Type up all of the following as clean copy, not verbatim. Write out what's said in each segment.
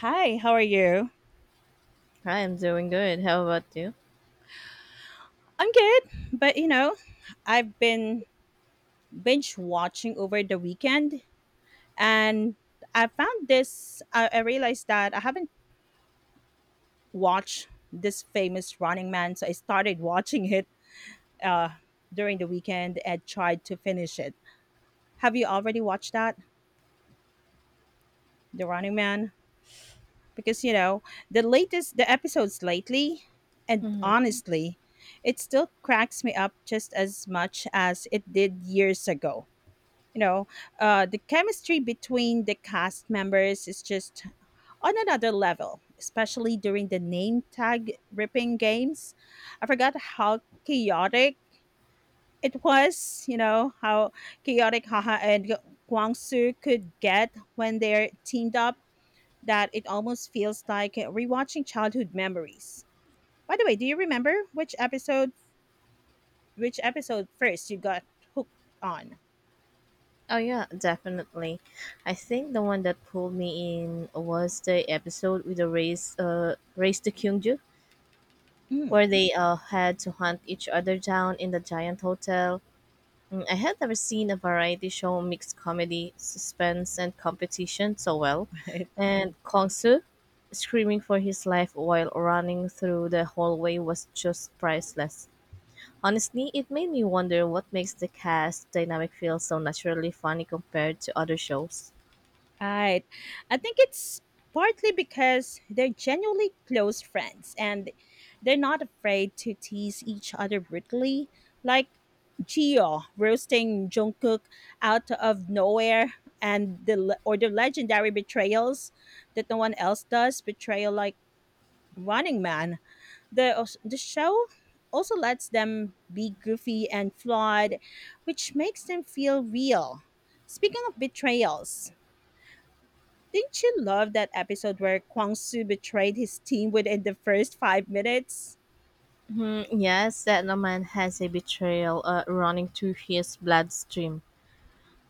Hi, how are you? I am doing good. How about you? I'm good, but you know, I've been binge watching over the weekend and I found this. I realized that I haven't watched this famous Running Man, so I started watching it uh, during the weekend and tried to finish it. Have you already watched that, The Running Man? Because you know, the latest, the episodes lately, and hmm honestly, it still cracks me up just as much as it did years ago. you know the chemistry between the cast members is just on another level, especially during the name tag ripping games. I forgot how chaotic it was, you know, how chaotic Haha and Guangsu could get when they're teamed up, that it almost feels like rewatching childhood memories. By the way, do you remember which episode, which episode first you got hooked on? Oh yeah, definitely. I think the one that pulled me in was the episode with the race, race to Kyungju, Mm. where they had to hunt each other down in the giant hotel. I had never seen a variety show mix comedy, suspense, and competition so well. And Kongsu screaming for his life while running through the hallway was just priceless. Honestly, it made me wonder what makes the cast dynamic feel so naturally funny compared to other shows. Right. I think it's partly because they're genuinely close friends and they're not afraid to tease each other brutally. Like Gio roasting Jungkook out of nowhere, and the le- or the legendary betrayals that no one else does, betrayal like Running Man. The show also lets them be goofy and flawed, which makes them feel real. Speaking of betrayals, didn't you love that episode where Kwang Soo betrayed his team within the first 5 minutes? Yes, that no man has a betrayal running through his bloodstream.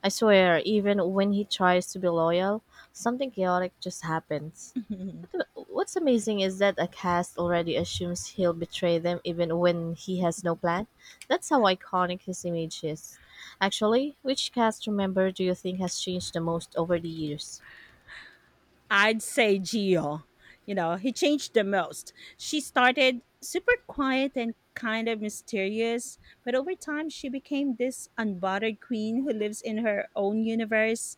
I swear, even when he tries to be loyal, something chaotic just happens. What's amazing is that a cast already assumes he'll betray them even when he has no plan. That's how iconic his image is. Actually, which cast member do you think has changed the most over the years? I'd say Gio. You know, he changed the most. She started super quiet and kind of mysterious, but over time she became this unbothered queen who lives in her own universe.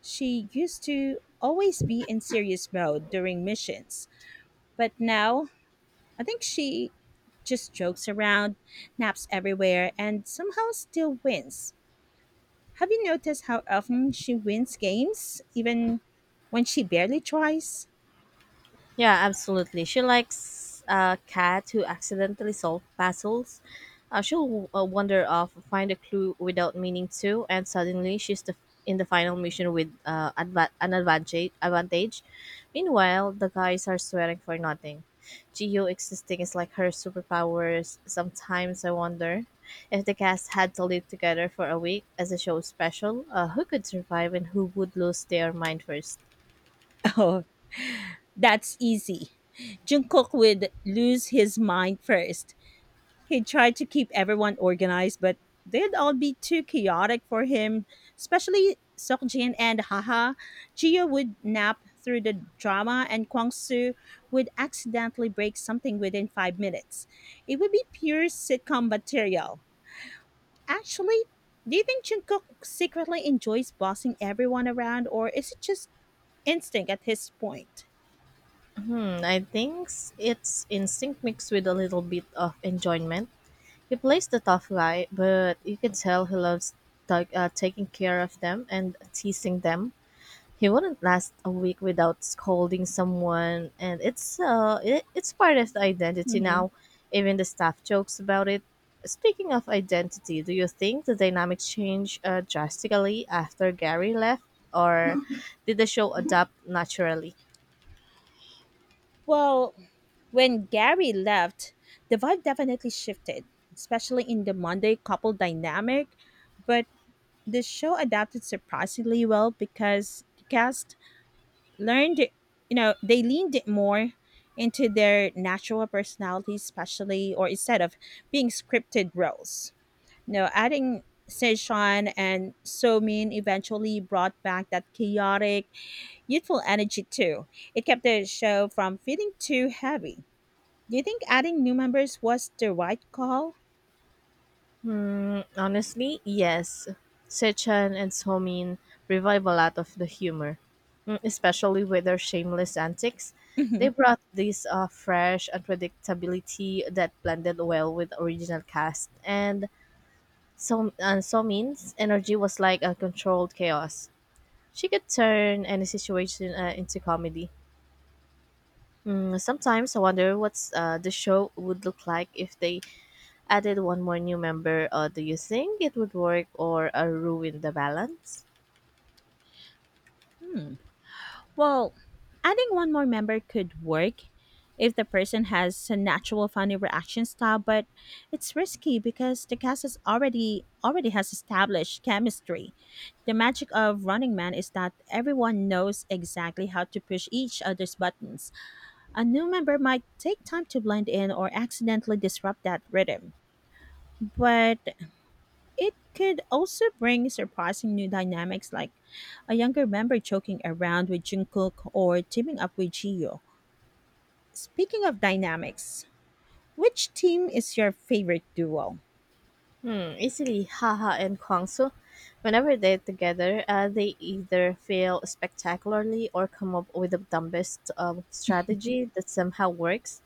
She used to always be in serious mode during missions, but now I think she just jokes around, naps everywhere, and somehow still wins. Have you noticed how often she wins games, even when she barely tries? Yeah, absolutely. She likes a cat who accidentally solves puzzles. She'll wander off, find a clue without meaning to, and suddenly in the final mission with an advantage. Meanwhile, the guys are sweating for nothing. Geo existing is like her superpowers. Sometimes I wonder if the cast had to live together for a week as a show special, who could survive and who would lose their mind first? Oh, that's easy. Jungkook would lose his mind first. He'd try to keep everyone organized, but they'd all be too chaotic for him, especially Seokjin and Haha. Jio would nap through the drama, and Kwangsu would accidentally break something within 5 minutes. It would be pure sitcom material. Actually, do you think Jungkook secretly enjoys bossing everyone around, or is it just instinct at his point? I think it's instinct mixed with a little bit of enjoyment. He plays the tough guy, but you can tell he loves taking care of them and teasing them. He wouldn't last a week without scolding someone, and it's part of the identity Mhm. now. Even the staff jokes about it. Speaking of identity, do you think the dynamic changed drastically after Gary left, or did the show adapt naturally? Well, when Gary left, the vibe definitely shifted, especially in the Monday couple dynamic. But the show adapted surprisingly well because the cast learned, you know, they leaned more into their natural personalities, especially or instead of being scripted roles. You know, adding Seishan and Somin eventually brought back that chaotic, youthful energy too. It kept the show from feeling too heavy. Do you think adding new members was the right call? Honestly, yes. Sechan and Somin revive a lot of the humor, especially with their shameless antics. They Mhm. brought this fresh unpredictability that blended well with original cast, and so and Somin's energy was like a controlled chaos. She could turn any situation into comedy. Sometimes I wonder what's the show would look like if they added one more new member, do you think it would work or ruin the balance? Well, adding one more member could work if the person has a natural funny reaction style, but it's risky because the cast is already has established chemistry. The magic of Running Man is that everyone knows exactly how to push each other's buttons. A new member might take time to blend in or accidentally disrupt that rhythm. But it could also bring surprising new dynamics, like a younger member joking around with Jungkook or teaming up with Jio. Speaking of dynamics, which team is your favorite duo? Easily, Haha and Kwangsu. Whenever they're together, they either fail spectacularly or come up with the dumbest strategy that somehow works.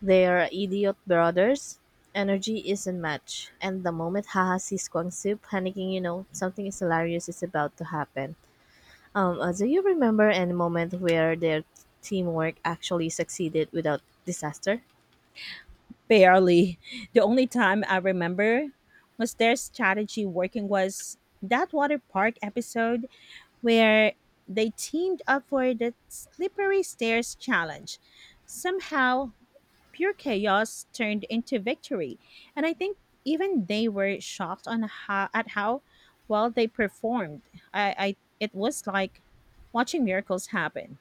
They are idiot brothers. Energy isn't matched, and the moment Haha sees Kwangsu panicking, you know something is hilarious is about to happen. Do you remember any moment where their teamwork actually succeeded without disaster? Barely. The only time I remember was their strategy working was that water park episode where they teamed up for the slippery stairs challenge. Somehow pure chaos turned into victory. And I think even they were shocked on how at how well they performed. I it was like watching miracles happen.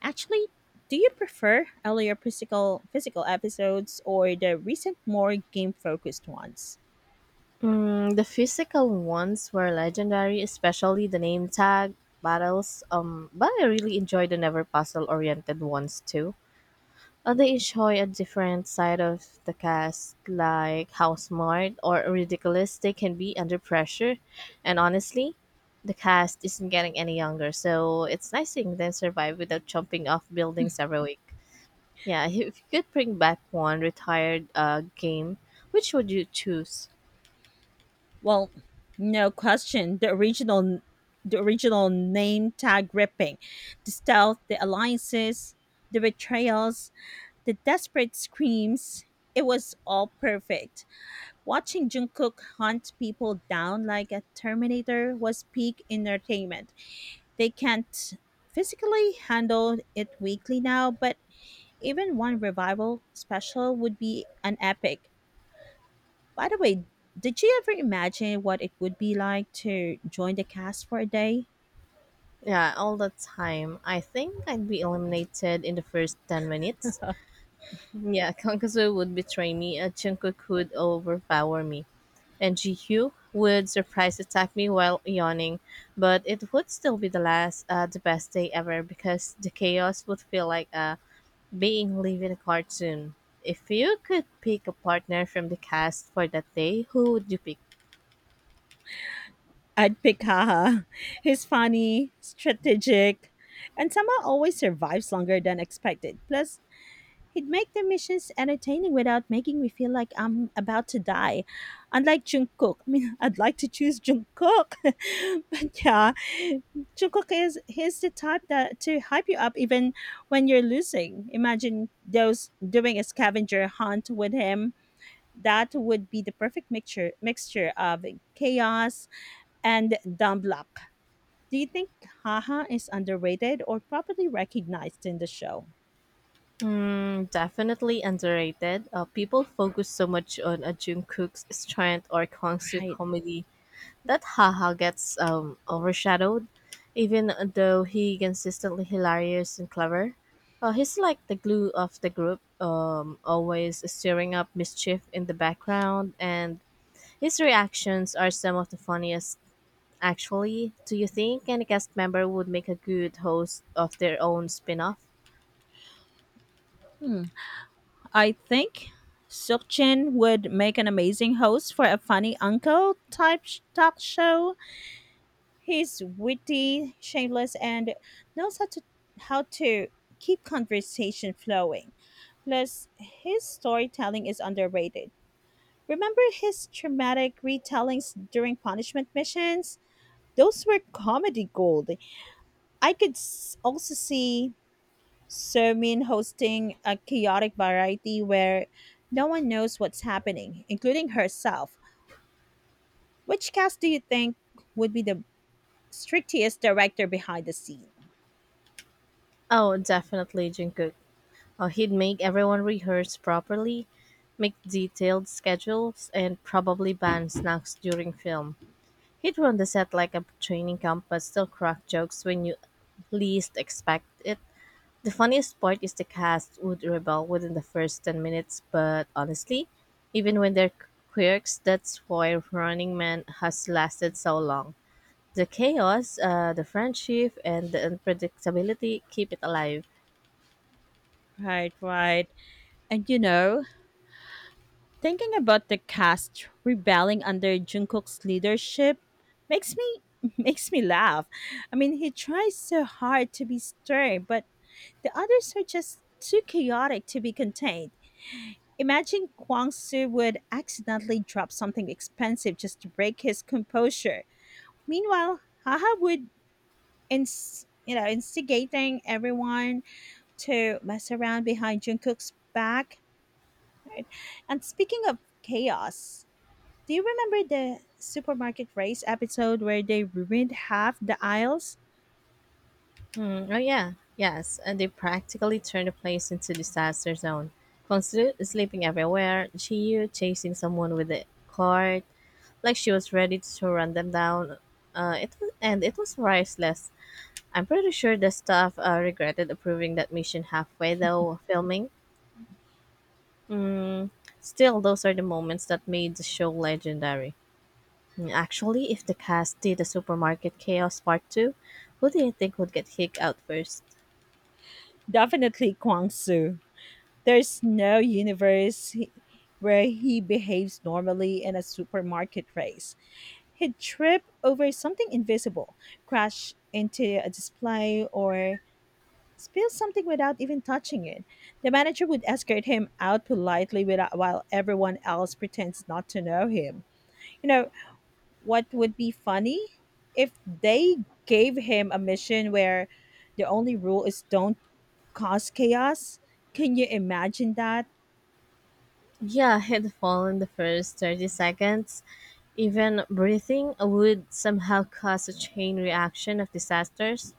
Actually, do you prefer earlier physical episodes or the recent more game focused ones? The physical ones were legendary, especially the name tag battles. But I really enjoyed the never puzzle-oriented ones too. They enjoy a different side of the cast, like how smart or ridiculous they can be under pressure. And honestly, the cast isn't getting any younger, so it's nice seeing them survive without jumping off buildings every week. Yeah, if you could bring back one retired game, which would you choose? Well, no question. The original name tag ripping, the stealth, the alliances, the betrayals, the desperate screams, it was all perfect. Watching Jungkook hunt people down like a Terminator was peak entertainment. They can't physically handle it weekly now, but even one revival special would be an epic. By the way, did you ever imagine what it would be like to join the cast for a day? Yeah, all the time. I think I'd be eliminated in the first 10 minutes. Yeah, Kankazu would betray me, Jungkook would overpower me, and Jihyo would surprise attack me while yawning. But it would still be the best day ever because the chaos would feel like being live in a cartoon. If you could pick a partner from the cast for that day, who would you pick? I'd pick Haha. He's funny, strategic, and somehow always survives longer than expected. Plus, he'd make the missions entertaining without making me feel like I'm about to die. Unlike Jungkook, I mean, I'd like to choose Jungkook, but yeah, Jungkook is he's the type that to hype you up even when you're losing. Imagine those doing a scavenger hunt with him. That would be the perfect mixture of chaos and dumb luck. Do you think Haha is underrated or properly recognized in the show? Definitely underrated. People focus so much on a Jungkook's strength or Kangsu Right. comedy that haha gets overshadowed. Even though he consistently hilarious and clever, he's like the glue of the group, always stirring up mischief in the background, and his reactions are some of the funniest. Actually, do you think any cast member would make a good host of their own spin-off? Hmm. I think Sukchin would make an amazing host for a funny uncle type talk show. He's witty, shameless, and knows how to keep conversation flowing. Plus, his storytelling is underrated. Remember his traumatic retellings during punishment missions? Those were comedy gold. I could also see so mean hosting a chaotic variety where no one knows what's happening, including herself. Which cast do you think would be the strictest director behind the scene? Oh, definitely Jungkook. He'd make everyone rehearse properly, make detailed schedules, and probably ban snacks during film. He'd run the set like a training camp but still crack jokes when you least expect it. The funniest part is the cast would rebel within the first 10 minutes, but honestly, even when they're quirks, that's why Running Man has lasted so long. The chaos, the friendship, and the unpredictability keep it alive. Right, right. And you know, thinking about the cast rebelling under Jungkook's leadership makes me makes me laugh. I mean, he tries so hard to be stern, but the others are just too chaotic to be contained. Imagine Kwangsu would accidentally drop something expensive just to break his composure. Meanwhile, Haha would you know instigating everyone to mess around behind Jungkook's back. Right? And speaking of chaos, do you remember the supermarket race episode where they ruined half the aisles? Oh yeah, yes, and they practically turned the place into disaster zone. Kongsu sleeping everywhere, Chiyu chasing someone with a cart, like she was ready to run them down. It and it was priceless. I'm pretty sure the staff regretted approving that mission halfway though filming. Mm, Still, those are the moments that made the show legendary. Actually, if the cast did a supermarket chaos part two, who do you think would get kicked out first? Definitely Kwangsu. There's no universe where he behaves normally in a supermarket race. He'd trip over something invisible, crash into a display, or spill something without even touching it. The manager would escort him out politely without, while everyone else pretends not to know him. You know, what would be funny? If they gave him a mission where the only rule is don't cause chaos. Can you imagine that? Yeah, he fall in the first 30 seconds. Even breathing would somehow cause a chain reaction of disasters,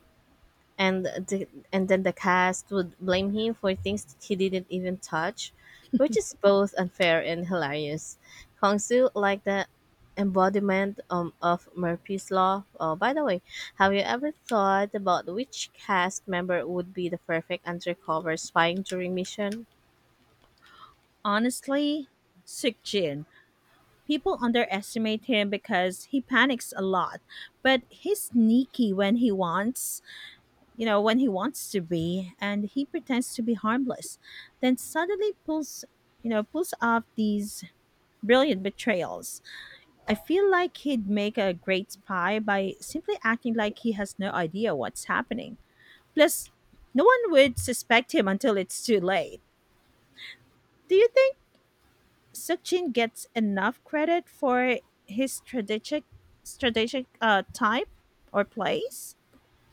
and and then the cast would blame him for things that he didn't even touch, which is both unfair and hilarious. Kongsu, like the embodiment of Murphy's Law. Oh, by the way, have you ever thought about which cast member would be the perfect undercover spying during mission? Honestly, sick. People underestimate him because he panics a lot, but he's sneaky when he wants, you know, when he wants to be, and he pretends to be harmless, then suddenly pulls, you know, pulls off these brilliant betrayals. I feel like he'd make a great spy by simply acting like he has no idea what's happening. Plus, no one would suspect him until it's too late. Do you think? Sukjin gets enough credit for his strategic strategic type or plays.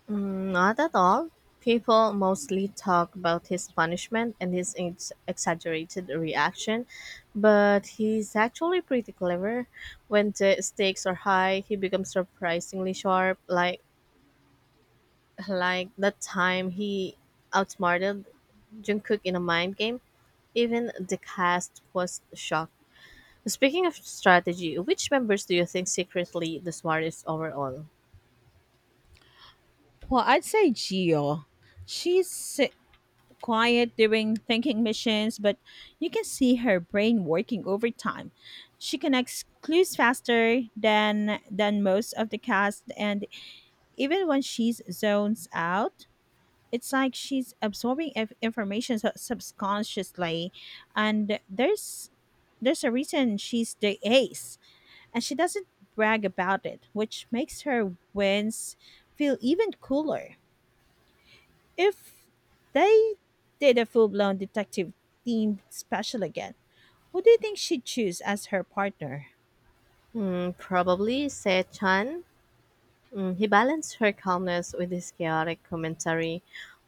Not at all. People mostly talk about his punishment and his exaggerated reaction, but he's actually pretty clever. When the stakes are high, he becomes surprisingly sharp, like that time he outsmarted Jungkook in a mind game. Even the cast was shocked. Speaking of strategy, which members do you think secretly the smartest overall? Well, I'd say Gio. She's si- Quiet during thinking missions, but you can see her brain working overtime. She connects clues faster than most of the cast, and even when she's zones out, it's like she's absorbing information subconsciously, and there's a reason she's the ace, and she doesn't brag about it, which makes her wins feel even cooler. If they did a full blown detective themed special again, who do you think she'd choose as her partner? Probably Se he balanced her calmness with his chaotic commentary,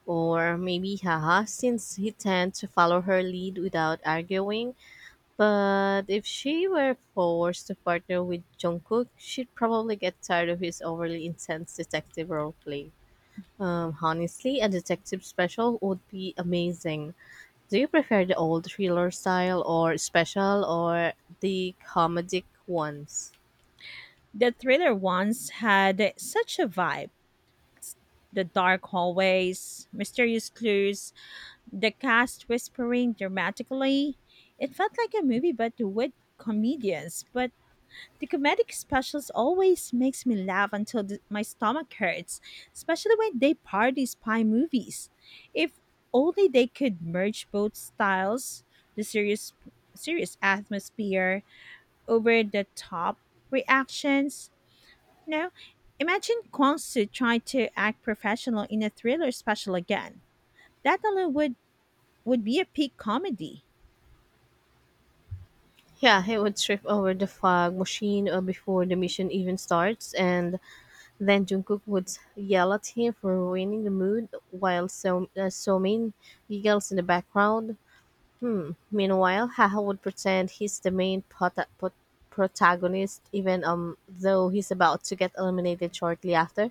or maybe haha, since he tended to follow her lead without arguing. But if she were forced to partner with Jungkook, she'd probably get tired of his overly intense detective roleplay. Honestly, a detective special would be amazing. Do you prefer the old thriller style or special or the comedic ones? The thriller ones had such a vibe. The dark hallways, mysterious clues, the cast whispering dramatically. It felt like a movie, but with comedians. But the comedic specials always makes me laugh until my stomach hurts, especially when they parody spy movies. If only they could merge both styles, the serious atmosphere, over the top reactions. You imagine Kwang Soo trying to act professional in a thriller special again. That alone would be a peak comedy. Yeah, he would trip over the fog machine before the mission even starts, and then Jungkook would yell at him for ruining the mood, while Somin giggles in the background. Hmm. Meanwhile, Haha would pretend he's the main protagonist, even though he's about to get eliminated shortly after.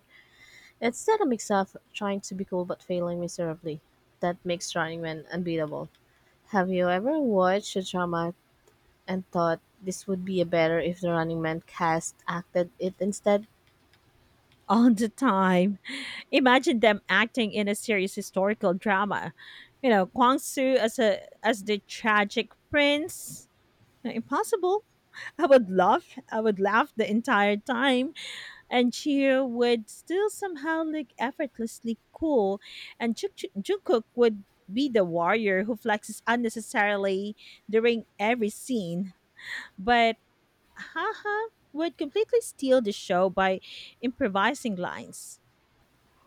Instead of mix of trying to be cool but failing miserably, that makes Running Man unbeatable. Have you ever watched a drama and thought this would be a better if the Running Man cast acted it instead. All the time. Imagine them acting in a serious historical drama. You know, Kwang Su as a as the tragic prince. Impossible. I would laugh. I would laugh the entire time, and Chiyo would still somehow look effortlessly cool, and Jungkook would be the warrior who flexes unnecessarily during every scene. But Haha would completely steal the show by improvising lines.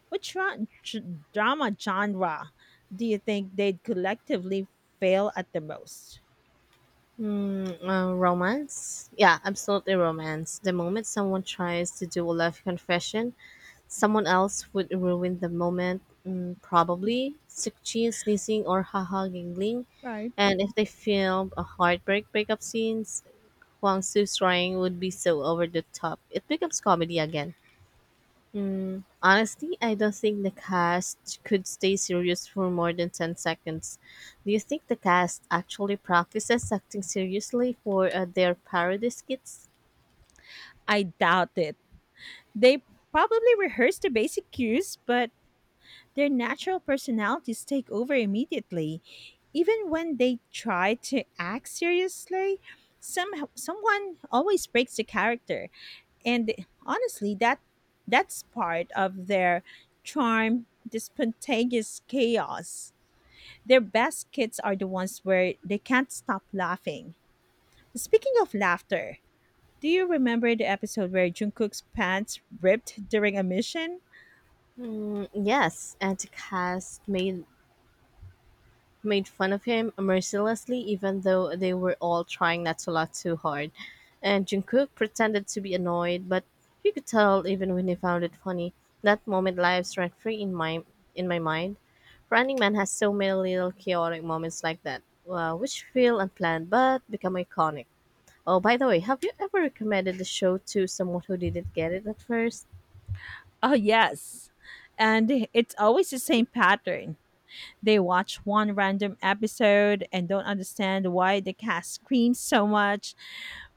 Which ra- j- drama genre do you think they'd collectively fail at the most? Romance? Yeah, absolutely romance. The moment someone tries to do a love confession, someone else would ruin the moment. Probably Sukchin sneezing or haha giggling. Right. And if they film a heartbreak breakup scenes, Huang Su's crying would be so over the top. It becomes comedy again. Honestly, I don't think the cast could stay serious for more than 10 seconds. Do you think the cast actually practices acting seriously for their parody skits? I doubt it. They probably rehearse the basic cues, but their natural personalities take over immediately. Even when they try to act seriously, some someone always breaks the character. And honestly, that's part of their charm, the spontaneous chaos. Their best skits are the ones where they can't stop laughing. Speaking of laughter, do you remember the episode where Jungkook's pants ripped during a mission? Yes, and the cast made fun of him mercilessly even though they were all trying not to laugh too hard. And Jungkook pretended to be annoyed, but you could tell even when he found it funny. That moment lives rent free in my mind. Running Man has so many little chaotic moments like that, which feel unplanned but become iconic. Oh, by the way, have you ever recommended the show to someone who didn't get it at first? Oh yes, and it's always the same pattern. They watch one random episode and don't understand why the cast screams so much.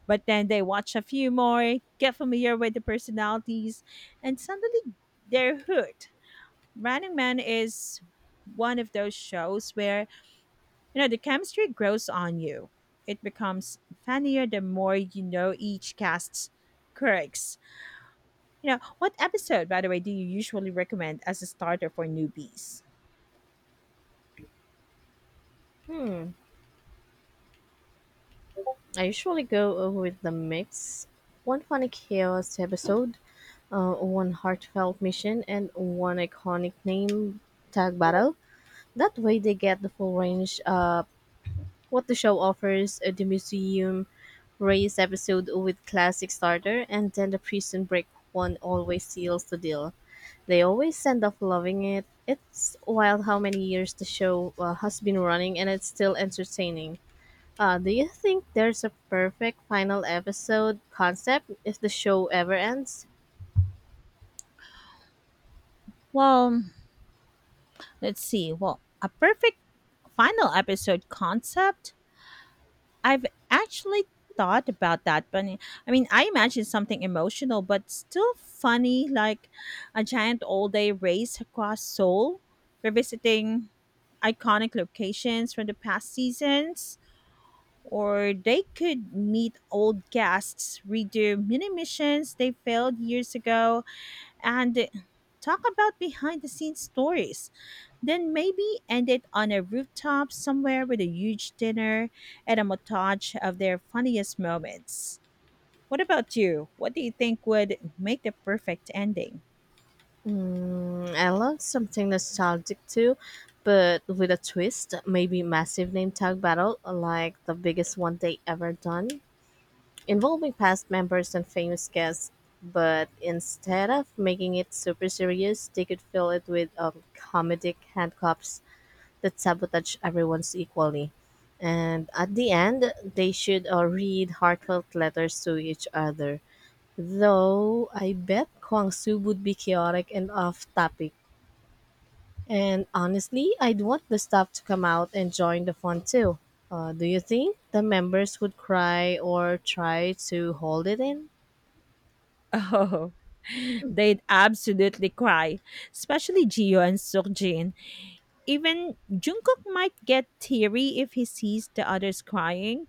But then they watch a few more, get familiar with the personalities, and suddenly they're hooked. Running Man is one of those shows where, you know, the chemistry grows on you. It becomes funnier the more you know each cast's quirks. You know, what episode, by the way, do you usually recommend as a starter for newbies? Hmm, I usually go over with the mix. One funny chaos episode one heartfelt mission and one iconic name tag battle. That way, they get the full range. What the show offers: the museum race episode with classic starter, and then the prison break one always seals the deal. They always end up loving it. It's wild how many years the show has been running, and it's still entertaining. Do you think there's a perfect final episode concept if the show ever ends? Well, let's see. Well, a perfect final episode concept, I've actually thought about that, but I mean, I imagine something emotional but still funny, like a giant all-day race across Seoul, revisiting iconic locations from the past seasons. Or they could meet old guests, redo mini missions they failed years ago, and talk about behind the scenes stories. Then maybe end it on a rooftop somewhere with a huge dinner and a montage of their funniest moments. What about you? What do you think would make the perfect ending? I love something nostalgic too, but with a twist. Maybe massive name tag battle, like the biggest one they ever done, involving past members and famous guests. But instead of making it super serious, they could fill it with comedic handcuffs that sabotage everyone's equally. And at the end, they should read heartfelt letters to each other. Though I bet Kwang Su would be chaotic and off topic. And honestly, I'd want the staff to come out and join the fun too. Do you think the members would cry or try to hold it in? Oh, they'd absolutely cry, especially Gio and Sukjin. Even Jungkook might get teary if he sees the others crying.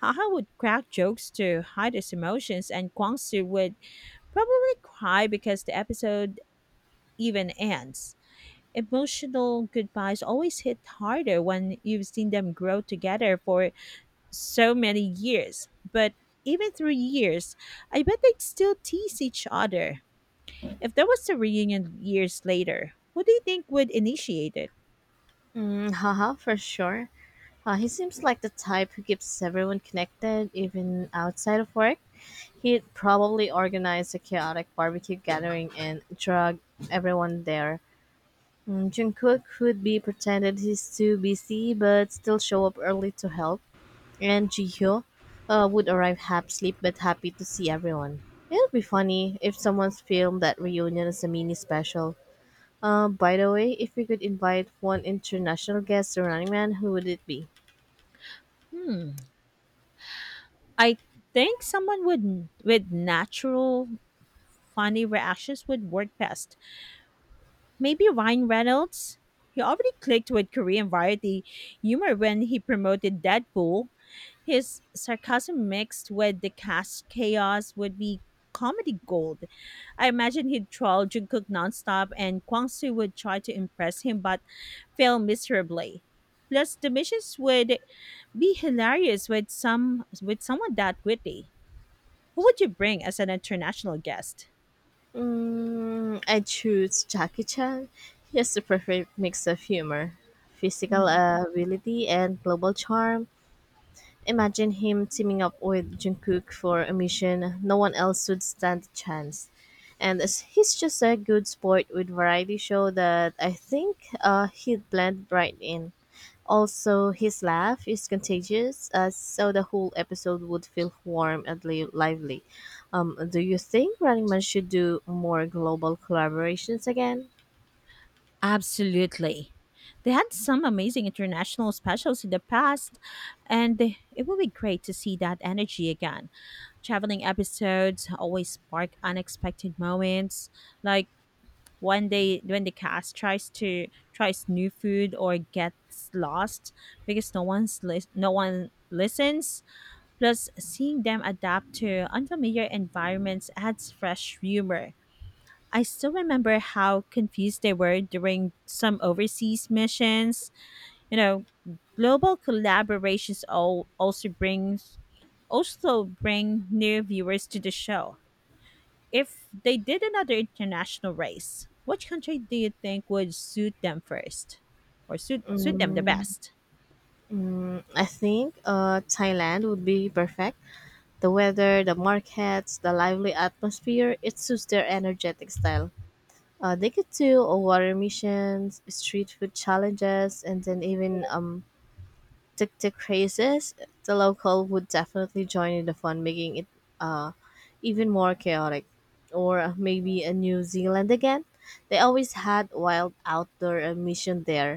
Haha would crack jokes to hide his emotions, and Kwangsu would probably cry because the episode even ends. Emotional goodbyes always hit harder when you've seen them grow together for so many years. But even through years, I bet they'd still tease each other. If there was a reunion years later, what do you think would initiate it? Haha, for sure. He seems like the type who keeps everyone connected, even outside of work. He'd probably organize a chaotic barbecue gathering and drag everyone there. Jungkook would be pretended he's too busy but still show up early to help. And Jihyo would arrive half asleep but happy to see everyone. It'll be funny if someone's filmed that reunion as a mini special. By the way, if we could invite one international guest to Running Man, who would it be? Hmm. I think someone would with natural funny reactions would work best. Maybe Ryan Reynolds? He already clicked with Korean variety humor when he promoted Deadpool. His sarcasm mixed with the cast chaos would be comedy gold. I imagine he'd troll Jungkook nonstop and Kwangsu would try to impress him but fail miserably. Plus, the missions would be hilarious with someone that witty. Who would you bring as an international guest? I choose Jackie Chan. He has the perfect mix of humor, physical Hmm. Ability, and global charm. Imagine him teaming up with Jungkook for a mission no one else would stand a chance. And as he's just a good sport with variety show that I think he'd blend right in. Also, his laugh is contagious, so the whole episode would feel warm and lively. Do you think Running Man should do more global collaborations again? Absolutely. They had some amazing international specials in the past, and it would be great to see that energy again. Traveling episodes always spark unexpected moments, like one day when the cast tries new food or gets lost because no one listens. Plus, seeing them adapt to unfamiliar environments adds fresh humor. I still remember how confused they were during some overseas missions. You know, global collaborations all also brings also bring new viewers to the show. If they did another international race, which country do you think would suit them first or suit them the Mm, best? I think Thailand would be perfect. The weather, the markets, the lively atmosphere, it suits their energetic style. They could do water missions, street food challenges, and then even tic tic races. The local would definitely join in the fun, making it uh, even more chaotic. Or maybe a New Zealand again. They always had wild outdoor mission there.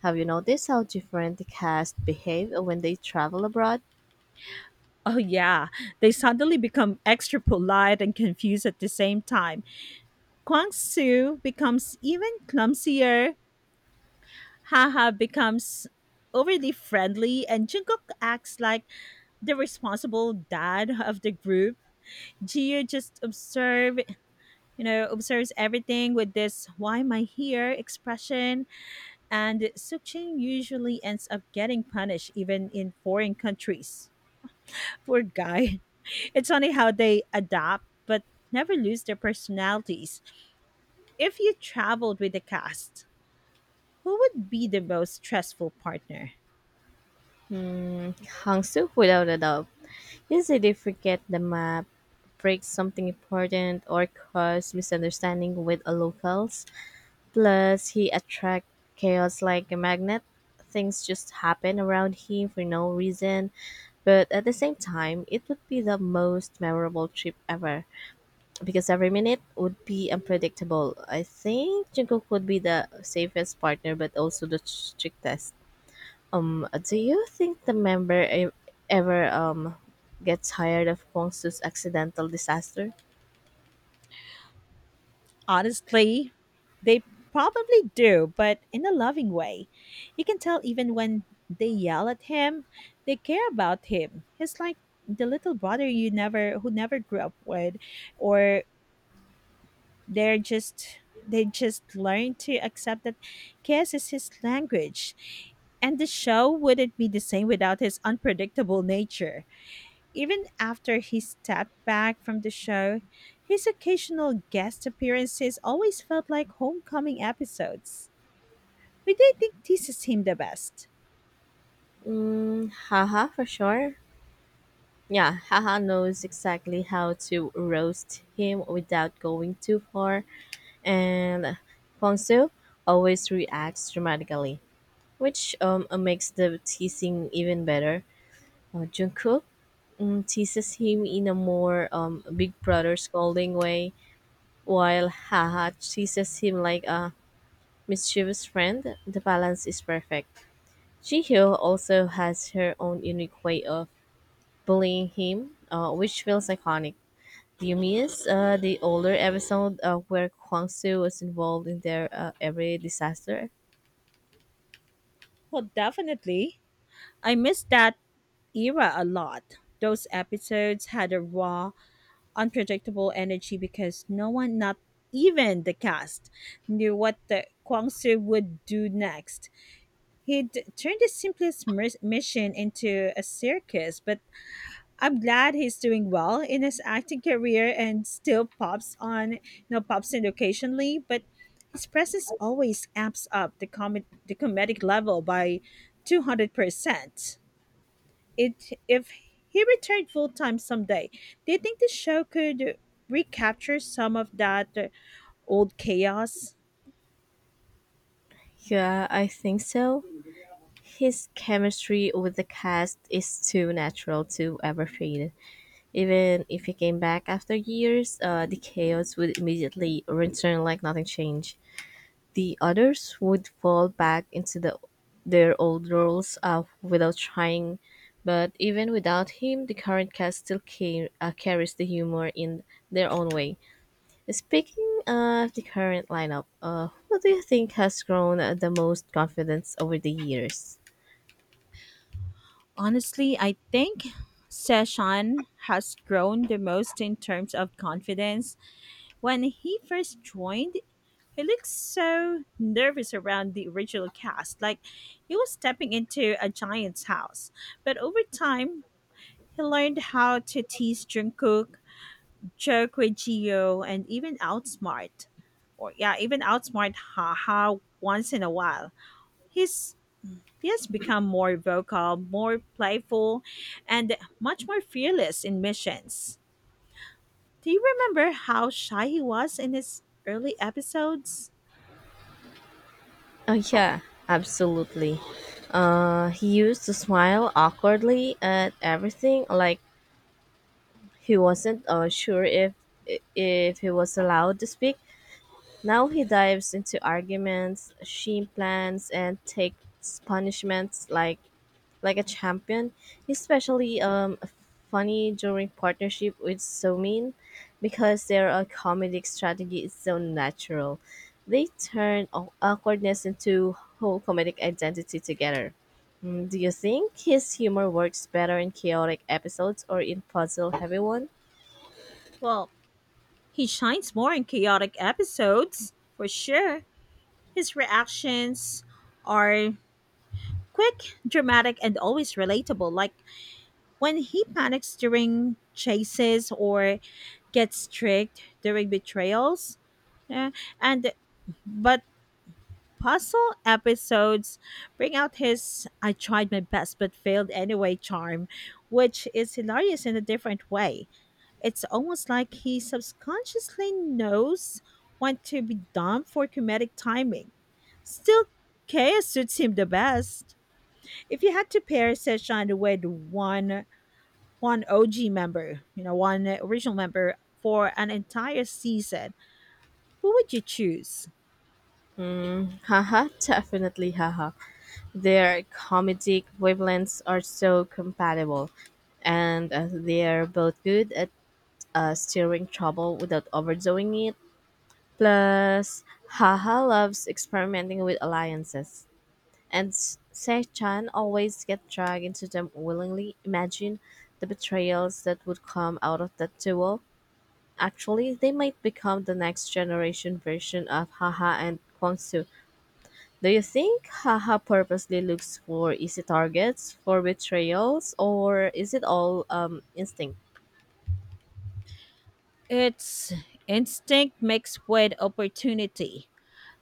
Have you noticed how different the cast behave when they travel abroad? Oh yeah, they suddenly become extra polite and confused at the same time. Kwang Su becomes even clumsier. Haha becomes overly friendly, and Jungkook acts like the responsible dad of the group. Jiu just observe, you know, observes everything with this "Why am I here?" expression, and Sukjin usually ends up getting punished even in foreign countries. Poor guy. It's funny how they adapt but never lose their personalities. If you traveled with the cast, who would be the most stressful partner? Hangzhou, without a doubt. Easily forget the map, break something important, or cause misunderstanding with a locals. Plus, he attract chaos like a magnet. Things just happen around him for no reason. But at the same time, it would be the most memorable trip ever because every minute would be unpredictable. I think Jungkook would be the safest partner, but also the strictest. Do you think the member ever gets tired of Kwangsu's accidental disaster? Honestly, they probably do, but in a loving way. You can tell even when they yell at him, they care about him. He's like the little brother you never who never grew up with, or they're just they just learn to accept that chaos is his language, and the show wouldn't be the same without his unpredictable nature. Even after he stepped back from the show, his occasional guest appearances always felt like homecoming episodes. Who do you think teases him the best? Mm, haha, for sure. Yeah, haha knows exactly how to roast him without going too far, and Kwangsu always reacts dramatically, which makes the teasing even better. Jungkook teases him in a more big brother scolding way, while Haha teases him like a mischievous friend, the balance is perfect. Jihyo also has her own unique way of bullying him, which feels iconic. Do you miss the older episode where Kwangsu was involved in their every disaster? Well, definitely I miss that era a lot. Those episodes had a raw, unpredictable energy because no one, not even the cast, knew what the Kwangsu would do next. He'd turned the mission into a circus, but I'm glad he's doing well in his acting career and still pops on, pops in occasionally, but his presence always amps up the comedic level by 200% it if he returned full time someday. Do you think the show could recapture some of that old chaos? Yeah, I think so. His chemistry with the cast is too natural to ever fade. Even if he came back after years, the chaos would immediately return like nothing changed. The others would fall back into their old roles without trying, but even without him, the current cast still carries the humor in their own way. Speaking of the current lineup, who do you think has grown the most confidence over the years? Honestly, I think Session has grown the most in terms of confidence. When he first joined, he looked so nervous around the original cast, like he was stepping into a giant's house. But over time, he learned how to tease Jungkook, Cherokee Geo, and even outsmart Haha once in a while. He's he has become more vocal, more playful, and much more fearless in missions. Do you remember how shy he was in his early episodes? Oh, yeah, absolutely. He used to smile awkwardly at everything, like he wasn't sure if he was allowed to speak. Now he dives into arguments, she plans and takes punishments like a champion. He's especially funny during partnership with Somin because their comedic strategy is so natural. They turn awkwardness into whole comedic identity together. Do you think his humor works better in chaotic episodes or in puzzle heavy one? Well, he shines more in chaotic episodes, for sure. His reactions are quick, dramatic, and always relatable, like when he panics during chases or gets tricked during betrayals, eh, and but puzzle episodes bring out his "I tried my best but failed anyway" charm, which is hilarious in a different way. It's almost like he subconsciously knows when to be dumb for comedic timing. Still, chaos suits him the best. If you had to pair Seshan with one OG member, you know, one original member for an entire season, who would you choose? Haha, definitely haha. Their comedic wavelengths are so compatible, and they're both good at steering trouble without overdoing it. Plus, Haha loves experimenting with alliances, and Se-chan always gets dragged into them willingly. Imagine the betrayals that would come out of that duel. Actually, they might become the next generation version of Haha and Kwangsu. Do you think Haha purposely looks for easy targets for betrayals, or is it all instinct? It's instinct mixed with opportunity.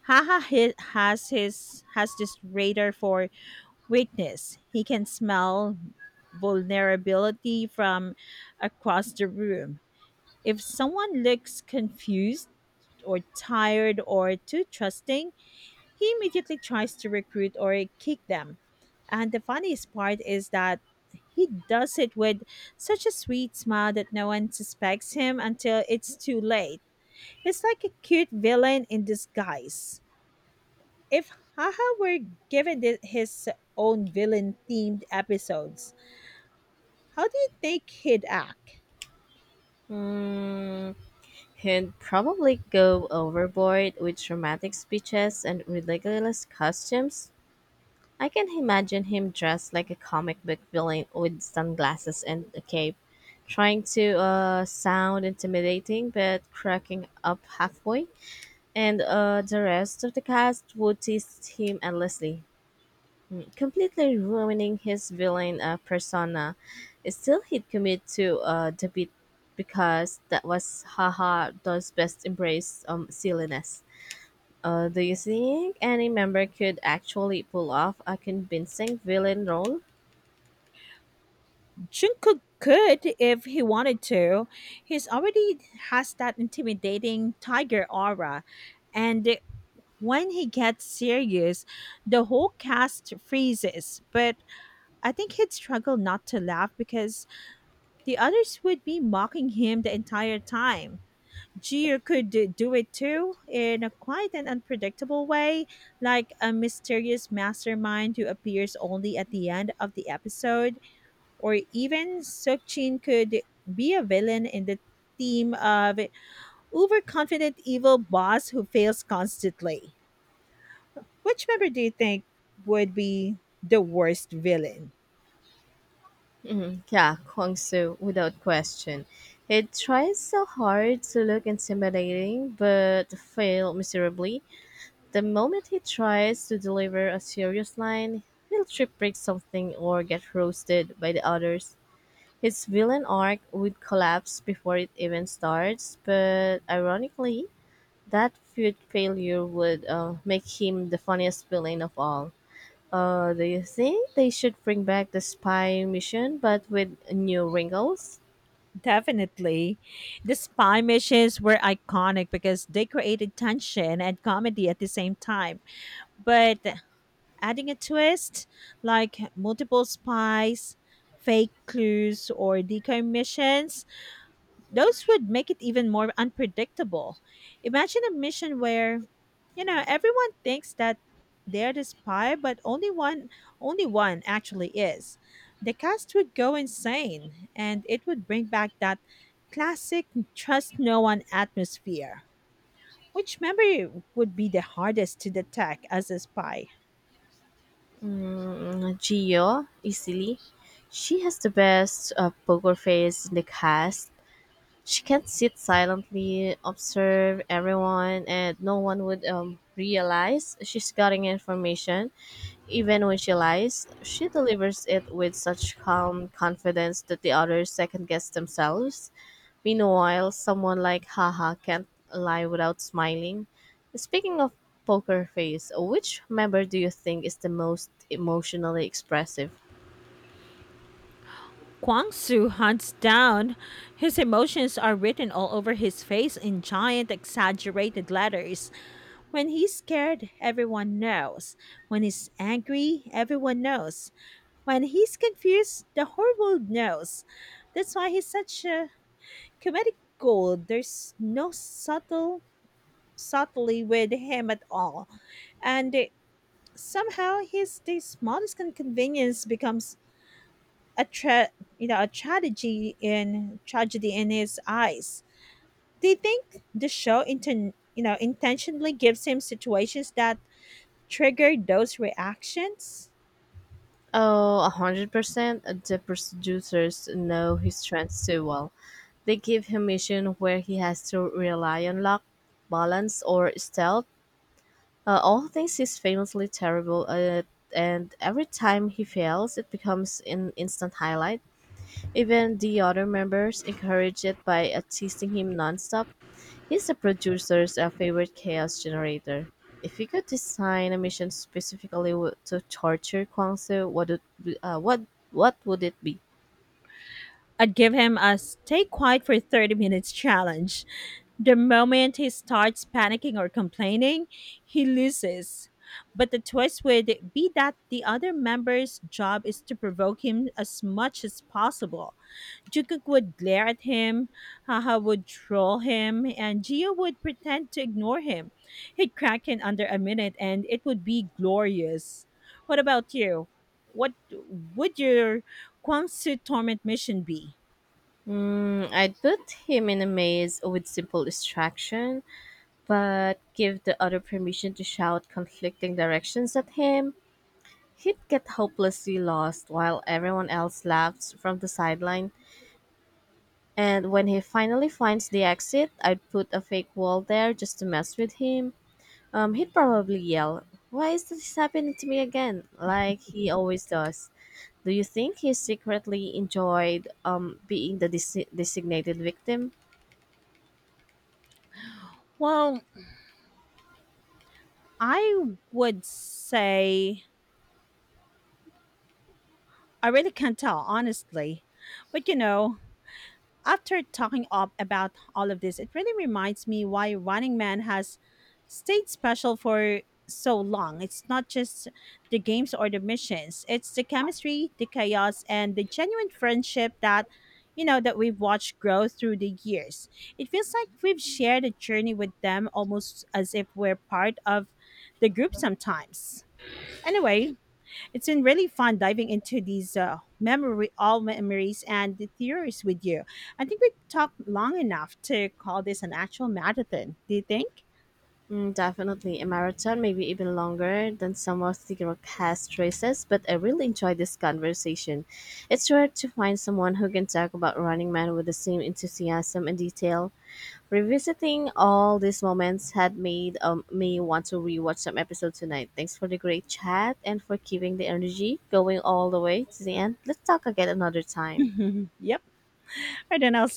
Haha has this radar for weakness. He can smell vulnerability from across the room. If someone looks confused, or tired or too trusting, he immediately tries to recruit or kick them. And the funniest part is that he does it with such a sweet smile that no one suspects him until it's too late. It's like a cute villain in disguise. If Haha were given his own villain themed episodes, how do you think he'd act? Hmm, he'd probably go overboard with dramatic speeches and ridiculous costumes. I can imagine him dressed like a comic book villain with sunglasses and a cape, trying to sound intimidating but cracking up halfway, and the rest of the cast would tease him endlessly, completely ruining his villain persona. Still, he'd commit to the beat because that was haha does best, embrace silliness. Do you think any member could actually pull off a convincing villain role? Jungkook could if he wanted to. He's already has that intimidating tiger aura, and when he gets serious, the whole cast freezes. But I think he'd struggle not to laugh because the others would be mocking him the entire time. Jir could do it too in a quite an unpredictable way, like a mysterious mastermind who appears only at the end of the episode, or even Sukchin could be a villain in the team of overconfident evil boss who fails constantly. Which member do you think would be the worst villain? Mhm. Yeah, Kwang Soo, without question. He tries so hard to look intimidating but fail miserably. The moment he tries to deliver a serious line, he'll trip-break something or get roasted by the others. His villain arc would collapse before it even starts, but ironically, that feud failure would make him the funniest villain of all. Do you think they should bring back the spy mission but with new wrinkles? Definitely. The spy missions were iconic because they created tension and comedy at the same time. But adding a twist like multiple spies, fake clues, or decoy missions. Those would make it even more unpredictable. Imagine a mission where, you know, everyone thinks that they're the spy, but only one actually is. The cast would go insane and it would bring back that classic trust no one atmosphere. Which memory would be the hardest to detect as a spy? Mm, Gio, easily. She has the best poker face in the cast. She can sit silently, observe everyone, and no one would realize she's getting information. Even when she lies, she delivers it with such calm confidence that the others second guess themselves. Meanwhile, someone like Haha can't lie without smiling. Speaking of poker face, which member do you think is the most emotionally expressive? Kwang Su hunts down. His emotions are written all over his face in giant, exaggerated letters. When he's scared, everyone knows. When he's angry, everyone knows. When he's confused, the whole world knows. That's why he's such a comedic gold. There's no subtlety with him at all. And somehow his the smallest inconvenience becomes a tra- a tragedy in his eyes. Do you think the show intentionally gives him situations that trigger those reactions? Oh, 100%. The producers know his strengths too well. They give him mission where he has to rely on luck, balance, or stealth. All things he's famously terrible at, and every time he fails, it becomes an instant highlight. Even the other members encourage it by teasing him nonstop. He's the producer's favorite chaos generator. If you could design a mission specifically to torture Kwangsu, what what would it be? I'd give him a "stay quiet for 30 minutes" challenge. The moment he starts panicking or complaining, he loses. But the twist would be that the other member's job is to provoke him as much as possible. Jukuk would glare at him, Haha would troll him, and Gio would pretend to ignore him. He'd crack in under a minute, and it would be glorious. What about you? What would your Kwangsu torment mission be? Hmm, I'd put him in a maze with simple distraction, but give the other permission to shout conflicting directions at him. He'd get hopelessly lost while everyone else laughs from the sideline. And when he finally finds the exit, I'd put a fake wall there just to mess with him. He'd probably yell, "Why is this happening to me again?" like he always does. Do you think he secretly enjoyed being the designated victim? Well, I would say I really can't tell, honestly. But you know, after talking up about all of this, it really reminds me why Running Man has stayed special for so long. It's not just the games or the missions, it's the chemistry, the chaos, and the genuine friendship that, you know, that we've watched grow through the years. It feels like we've shared a journey with them almost as if we're part of the group sometimes. Anyway, it's been really fun diving into these memory, all memories, and the theories with you. I think we talked long enough to call this an actual marathon. Do you think? Mm, definitely a marathon, maybe even longer than some of the cast races, but I really enjoyed this conversation. It's rare to find someone who can talk about Running Man with the same enthusiasm and detail. Revisiting all these moments had made me want to rewatch some episodes tonight. Thanks for the great chat and for keeping the energy going all the way to the end. Let's talk again another time. Yep. I don't know.